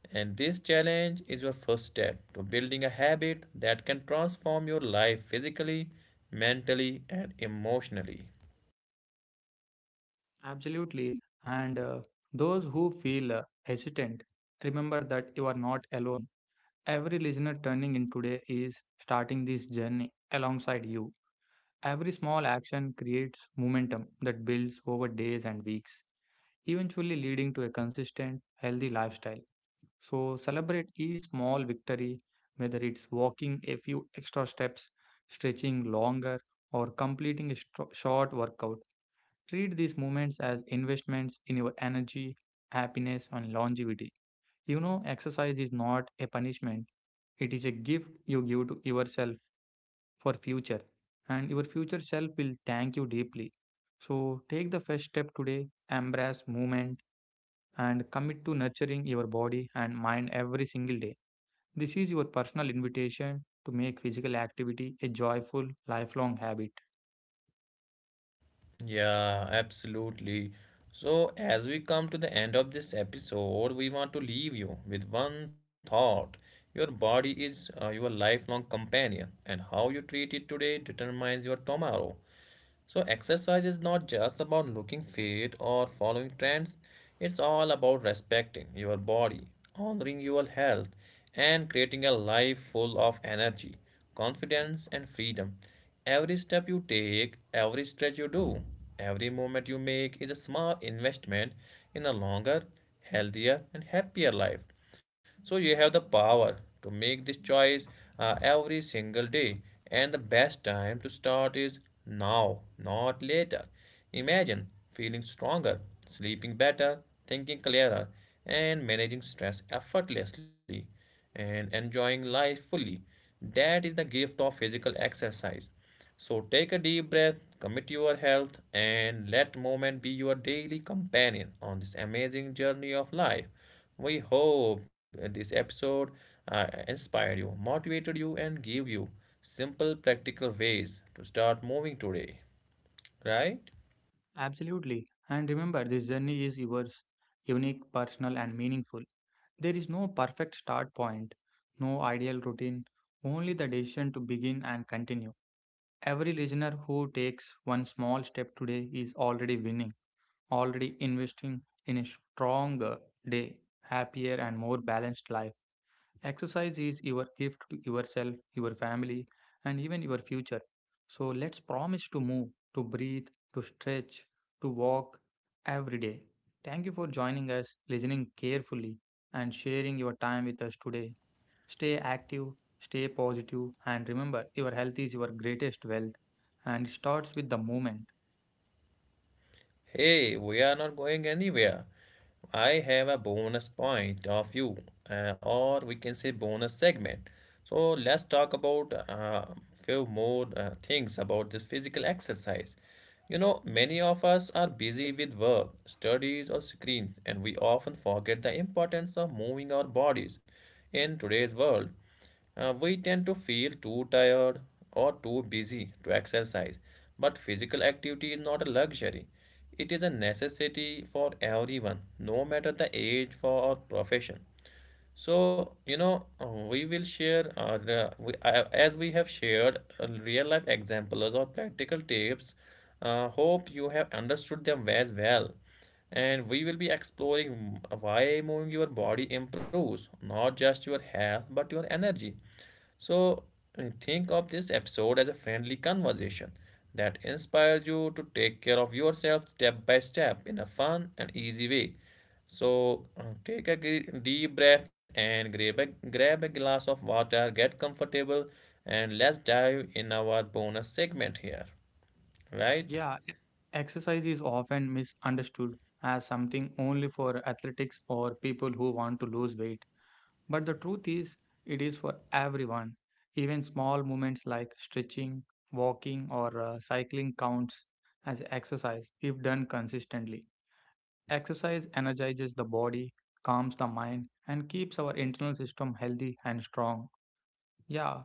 [SPEAKER 1] And this challenge is your first step to building a habit that can transform your life physically, mentally, and emotionally.
[SPEAKER 2] Absolutely. And uh, those who feel uh, hesitant, remember that you are not alone. Every listener turning in today is starting this journey alongside you. Every small action creates momentum that builds over days and weeks, eventually leading to a consistent, healthy lifestyle. So, celebrate each small victory, whether it's walking a few extra steps, stretching longer, or completing a stro- short workout. Treat these moments as investments in your energy, happiness, and longevity. You know, exercise is not a punishment, it is a gift you give to yourself for future, and your future self will thank you deeply. So take the first step today, embrace movement, and commit to nurturing your body and mind every single day. This is your personal invitation to make physical activity a joyful, lifelong habit.
[SPEAKER 1] Yeah, absolutely. So, as we come to the end of this episode, we want to leave you with one thought. Your body is uh, your lifelong companion, and how you treat it today determines your tomorrow. So, exercise is not just about looking fit or following trends, it's all about respecting your body, honoring your health, and creating a life full of energy, confidence, and freedom. Every step you take, every stretch you do, every movement you make is a small investment in a longer, healthier, and happier life. So you have the power to make this choice uh, every single day, and the best time to start is now, not later. Imagine feeling stronger, sleeping better, thinking clearer, and managing stress effortlessly and enjoying life fully. That is the gift of physical exercise. So take a deep breath, commit your health, and let movement be your daily companion on this amazing journey of life. We hope this episode uh, inspired you, motivated you, and gave you simple, practical ways to start moving today. Right?
[SPEAKER 2] Absolutely. And remember, this journey is yours, unique, personal, and meaningful. There is no perfect start point, no ideal routine, only the decision to begin and continue. Every listener who takes one small step today is already winning, already investing in a stronger day, happier, and more balanced life. Exercise is your gift to yourself, your family, and even your future. So let's promise to move, to breathe, to stretch, to walk every day. Thank you for joining us, listening carefully, and sharing your time with us today. Stay active, stay positive, and remember your health is your greatest wealth and it starts with the movement.
[SPEAKER 1] Hey, we are not going anywhere. I have a bonus point of view, uh, or we can say bonus segment. So let's talk about a uh, few more uh, things about this physical exercise. You know, many of us are busy with work, studies, or screens, and we often forget the importance of moving our bodies in today's world. Uh, we tend to feel too tired or too busy to exercise, but physical activity is not a luxury. It is a necessity for everyone, no matter the age for or profession. So, you know, uh, we will share, uh, the- we, uh, as we have shared uh, real life examples or practical tips, uh, hope you have understood them as well and we will be exploring why moving your body improves not just your health but your energy so uh, think of this episode as a friendly conversation that inspires you to take care of yourself step by step in a fun and easy way so uh, take a gre- deep breath and grab a, grab a glass of water, get comfortable, and let's dive in our bonus segment here, right?
[SPEAKER 2] Yeah, e- exercise is often misunderstood as something only for athletics or people who want to lose weight. But the truth is, it is for everyone. Even small movements like stretching, walking, or uh, cycling counts as exercise if done consistently. Exercise energizes the body, calms the mind, and keeps our internal system healthy and strong. Yeah,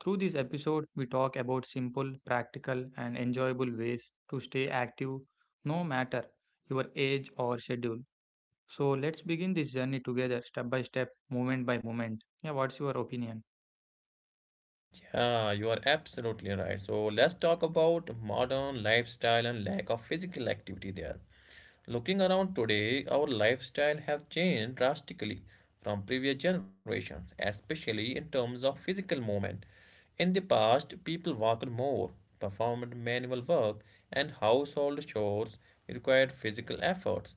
[SPEAKER 2] through this episode, we talk about simple, practical, and enjoyable ways to stay active no matter your age or schedule. So let's begin this journey together, step by step, moment by moment. Yeah, what's your opinion?
[SPEAKER 1] Yeah, you are absolutely right. So let's talk about modern lifestyle and lack of physical activity there. Looking around today, our lifestyle have changed drastically from previous generations, especially in terms of physical movement. In the past, people walked more, performed manual work, and household chores required physical efforts.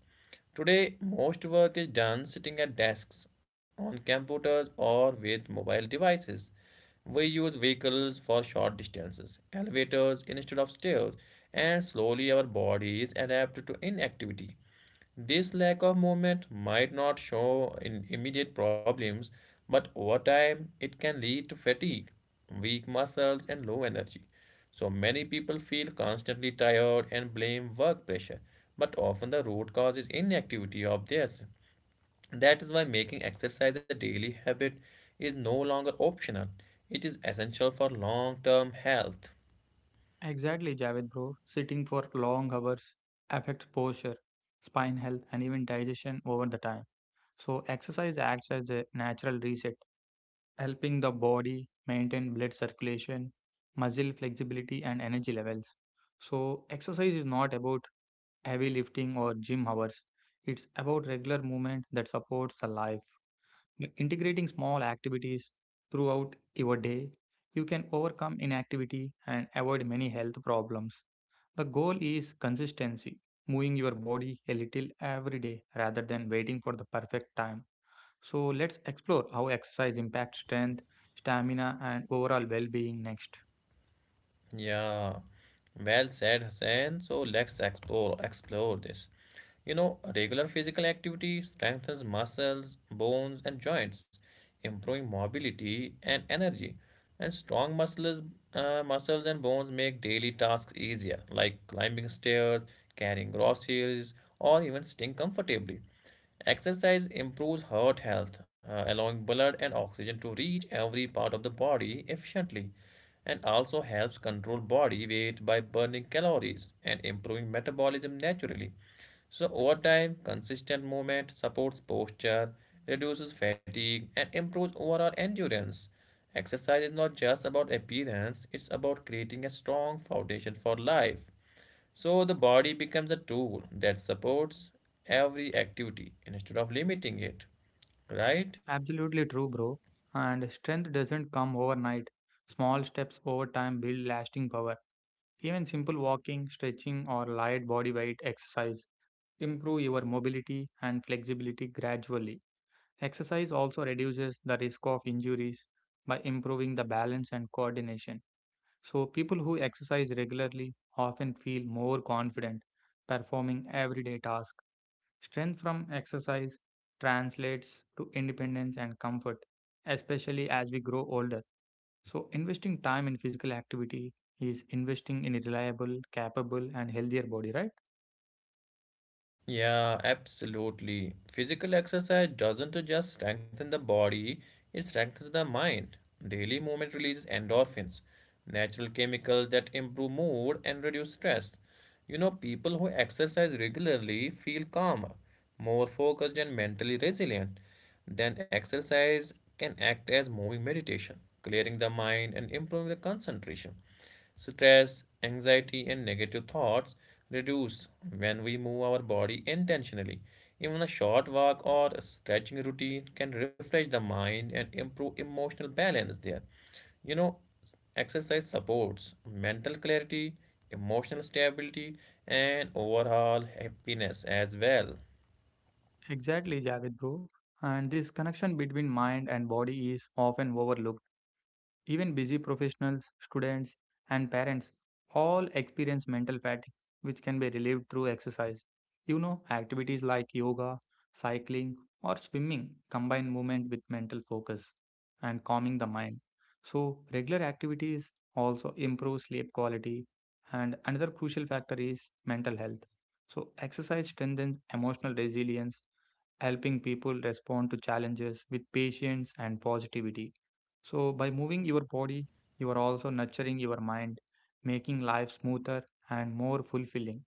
[SPEAKER 1] Today, most work is done sitting at desks, on computers, or with mobile devices. We use vehicles for short distances, elevators instead of stairs, and slowly our bodies adapt to inactivity. This lack of movement might not show in immediate problems, but over time it can lead to fatigue, weak muscles, and low energy. So many people feel constantly tired and blame work pressure, but often the root cause is inactivity of theirs. That is why making exercise a daily habit is no longer optional. It is essential for long term health.
[SPEAKER 2] Exactly, Javed bro. Sitting for long hours affects posture, spine health, and even digestion over the time. So exercise acts as a natural reset, helping the body maintain blood circulation, muscle flexibility, and energy levels. So exercise is not about heavy lifting or gym hours. It's about regular movement that supports the life. Yeah, integrating small activities throughout your day, you can overcome inactivity and avoid many health problems. The goal is consistency, moving your body a little every day rather than waiting for the perfect time. So, let's explore how exercise impacts strength, stamina, and overall well being next.
[SPEAKER 1] Yeah. Well said, Hussein. So let's explore explore this. You know, regular physical activity strengthens muscles, bones, and joints, improving mobility and energy. And strong muscles, uh, muscles and bones make daily tasks easier, like climbing stairs, carrying groceries, or even sitting comfortably. Exercise improves heart health, uh, allowing blood and oxygen to reach every part of the body efficiently, and also helps control body weight by burning calories and improving metabolism naturally. So, over time, consistent movement supports posture, reduces fatigue, and improves overall endurance. Exercise is not just about appearance, it's about creating a strong foundation for life. So the body becomes a tool that supports every activity instead of limiting it, right?
[SPEAKER 2] Absolutely true, bro. And strength doesn't come overnight. Small steps over time build lasting power. Even simple walking, stretching, or light body weight exercise improve your mobility and flexibility gradually. Exercise also reduces the risk of injuries by improving the balance and coordination. So, people who exercise regularly often feel more confident performing everyday tasks. Strength from exercise translates to independence and comfort, especially as we grow older. So, investing time in physical activity is investing in a reliable, capable, and healthier body, right?
[SPEAKER 1] Yeah, absolutely. Physical exercise doesn't just strengthen the body, it strengthens the mind. Daily movement releases endorphins, natural chemicals that improve mood and reduce stress. You know, people who exercise regularly feel calmer, more focused, and mentally resilient. Then, exercise can act as moving meditation, clearing the mind and improving the concentration. Stress, anxiety, and negative thoughts reduce when we move our body intentionally. Even a short walk or a stretching routine can refresh the mind and improve emotional balance there. You know, exercise supports mental clarity, emotional stability, and overall happiness as well.
[SPEAKER 2] Exactly, Javid bro. And this connection between mind and body is often overlooked. Even busy professionals, students, and parents all experience mental fatigue, which can be relieved through exercise. You know, activities like yoga, cycling, or swimming combine movement with mental focus and calming the mind. So, regular activities also improve sleep quality. And another crucial factor is mental health. So, exercise strengthens emotional resilience, helping people respond to challenges with patience and positivity. So, by moving your body, you are also nurturing your mind, making life smoother and more fulfilling.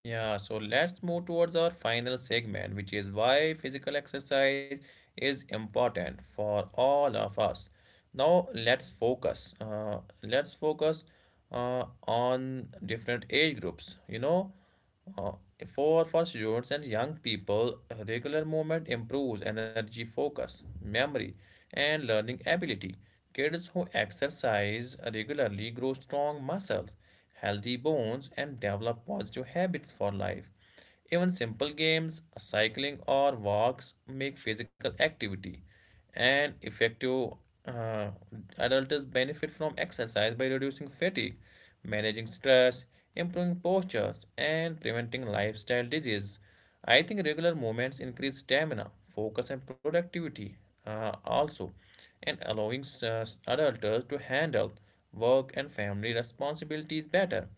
[SPEAKER 1] Yeah, so let's move towards our final segment, which is why physical exercise is important for all of us. Now let's focus. Uh, let's focus uh, on different age groups. You know, uh, for for students and young people, regular movement improves energy, focus, memory, and learning ability. Kids who exercise regularly grow strong muscles, healthy bones, and develop positive habits for life. Even simple games, cycling, or walks make physical activity and effective. Uh, Adults benefit from exercise by reducing fatigue, managing stress, improving postures, and preventing lifestyle diseases. I think regular movements increase stamina, focus, and productivity uh, also, and allowing uh, adults to handle work and family responsibilities better.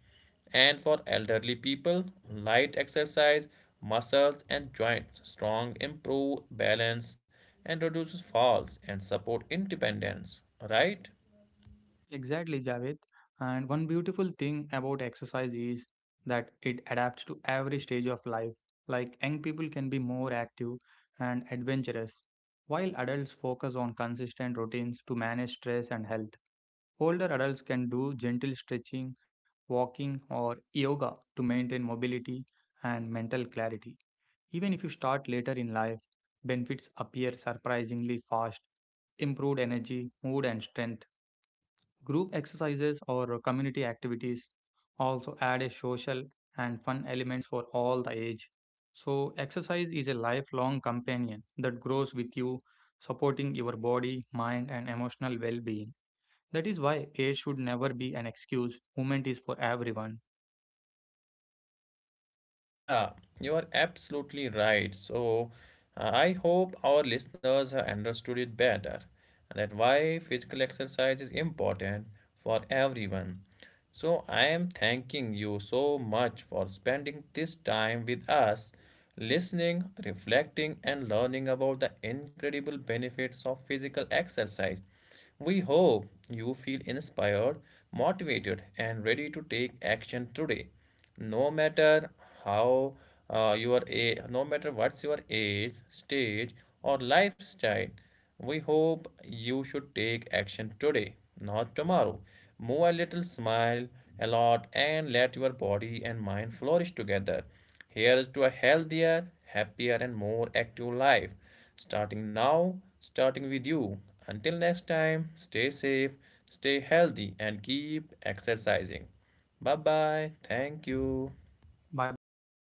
[SPEAKER 1] And for elderly people, light exercise, muscles, and joints strong improve balance and reduces falls and support independence. Right?
[SPEAKER 2] Exactly, Javed. And one beautiful thing about exercise is that it adapts to every stage of life. Like young people can be more active and adventurous, while adults focus on consistent routines to manage stress and health. Older adults can do gentle stretching, walking, or yoga to maintain mobility and mental clarity. Even if you start later in life, benefits appear surprisingly fast improved energy, mood, and strength. Group exercises or community activities also add a social and fun elements for all the age. So, exercise is a lifelong companion that grows with you, supporting your body, mind, and emotional well being. That is why age should never be an excuse. Movement is for everyone.
[SPEAKER 1] Yeah, you are absolutely right. So, uh, I hope our listeners have understood it better and that why physical exercise is important for everyone. So, I am thanking you so much for spending this time with us, listening, reflecting, and learning about the incredible benefits of physical exercise. We hope you feel inspired, motivated, and ready to take action today. No matter how uh, you are a, no matter what's your age, stage, or lifestyle, we hope you should take action today, not tomorrow. Move a little, smile a lot, and let your body and mind flourish together. Here's to a healthier, happier, and more active life starting now, starting with you. Until next time, stay safe, stay healthy, and keep exercising. Bye bye. Thank you.
[SPEAKER 2] Bye bye and thank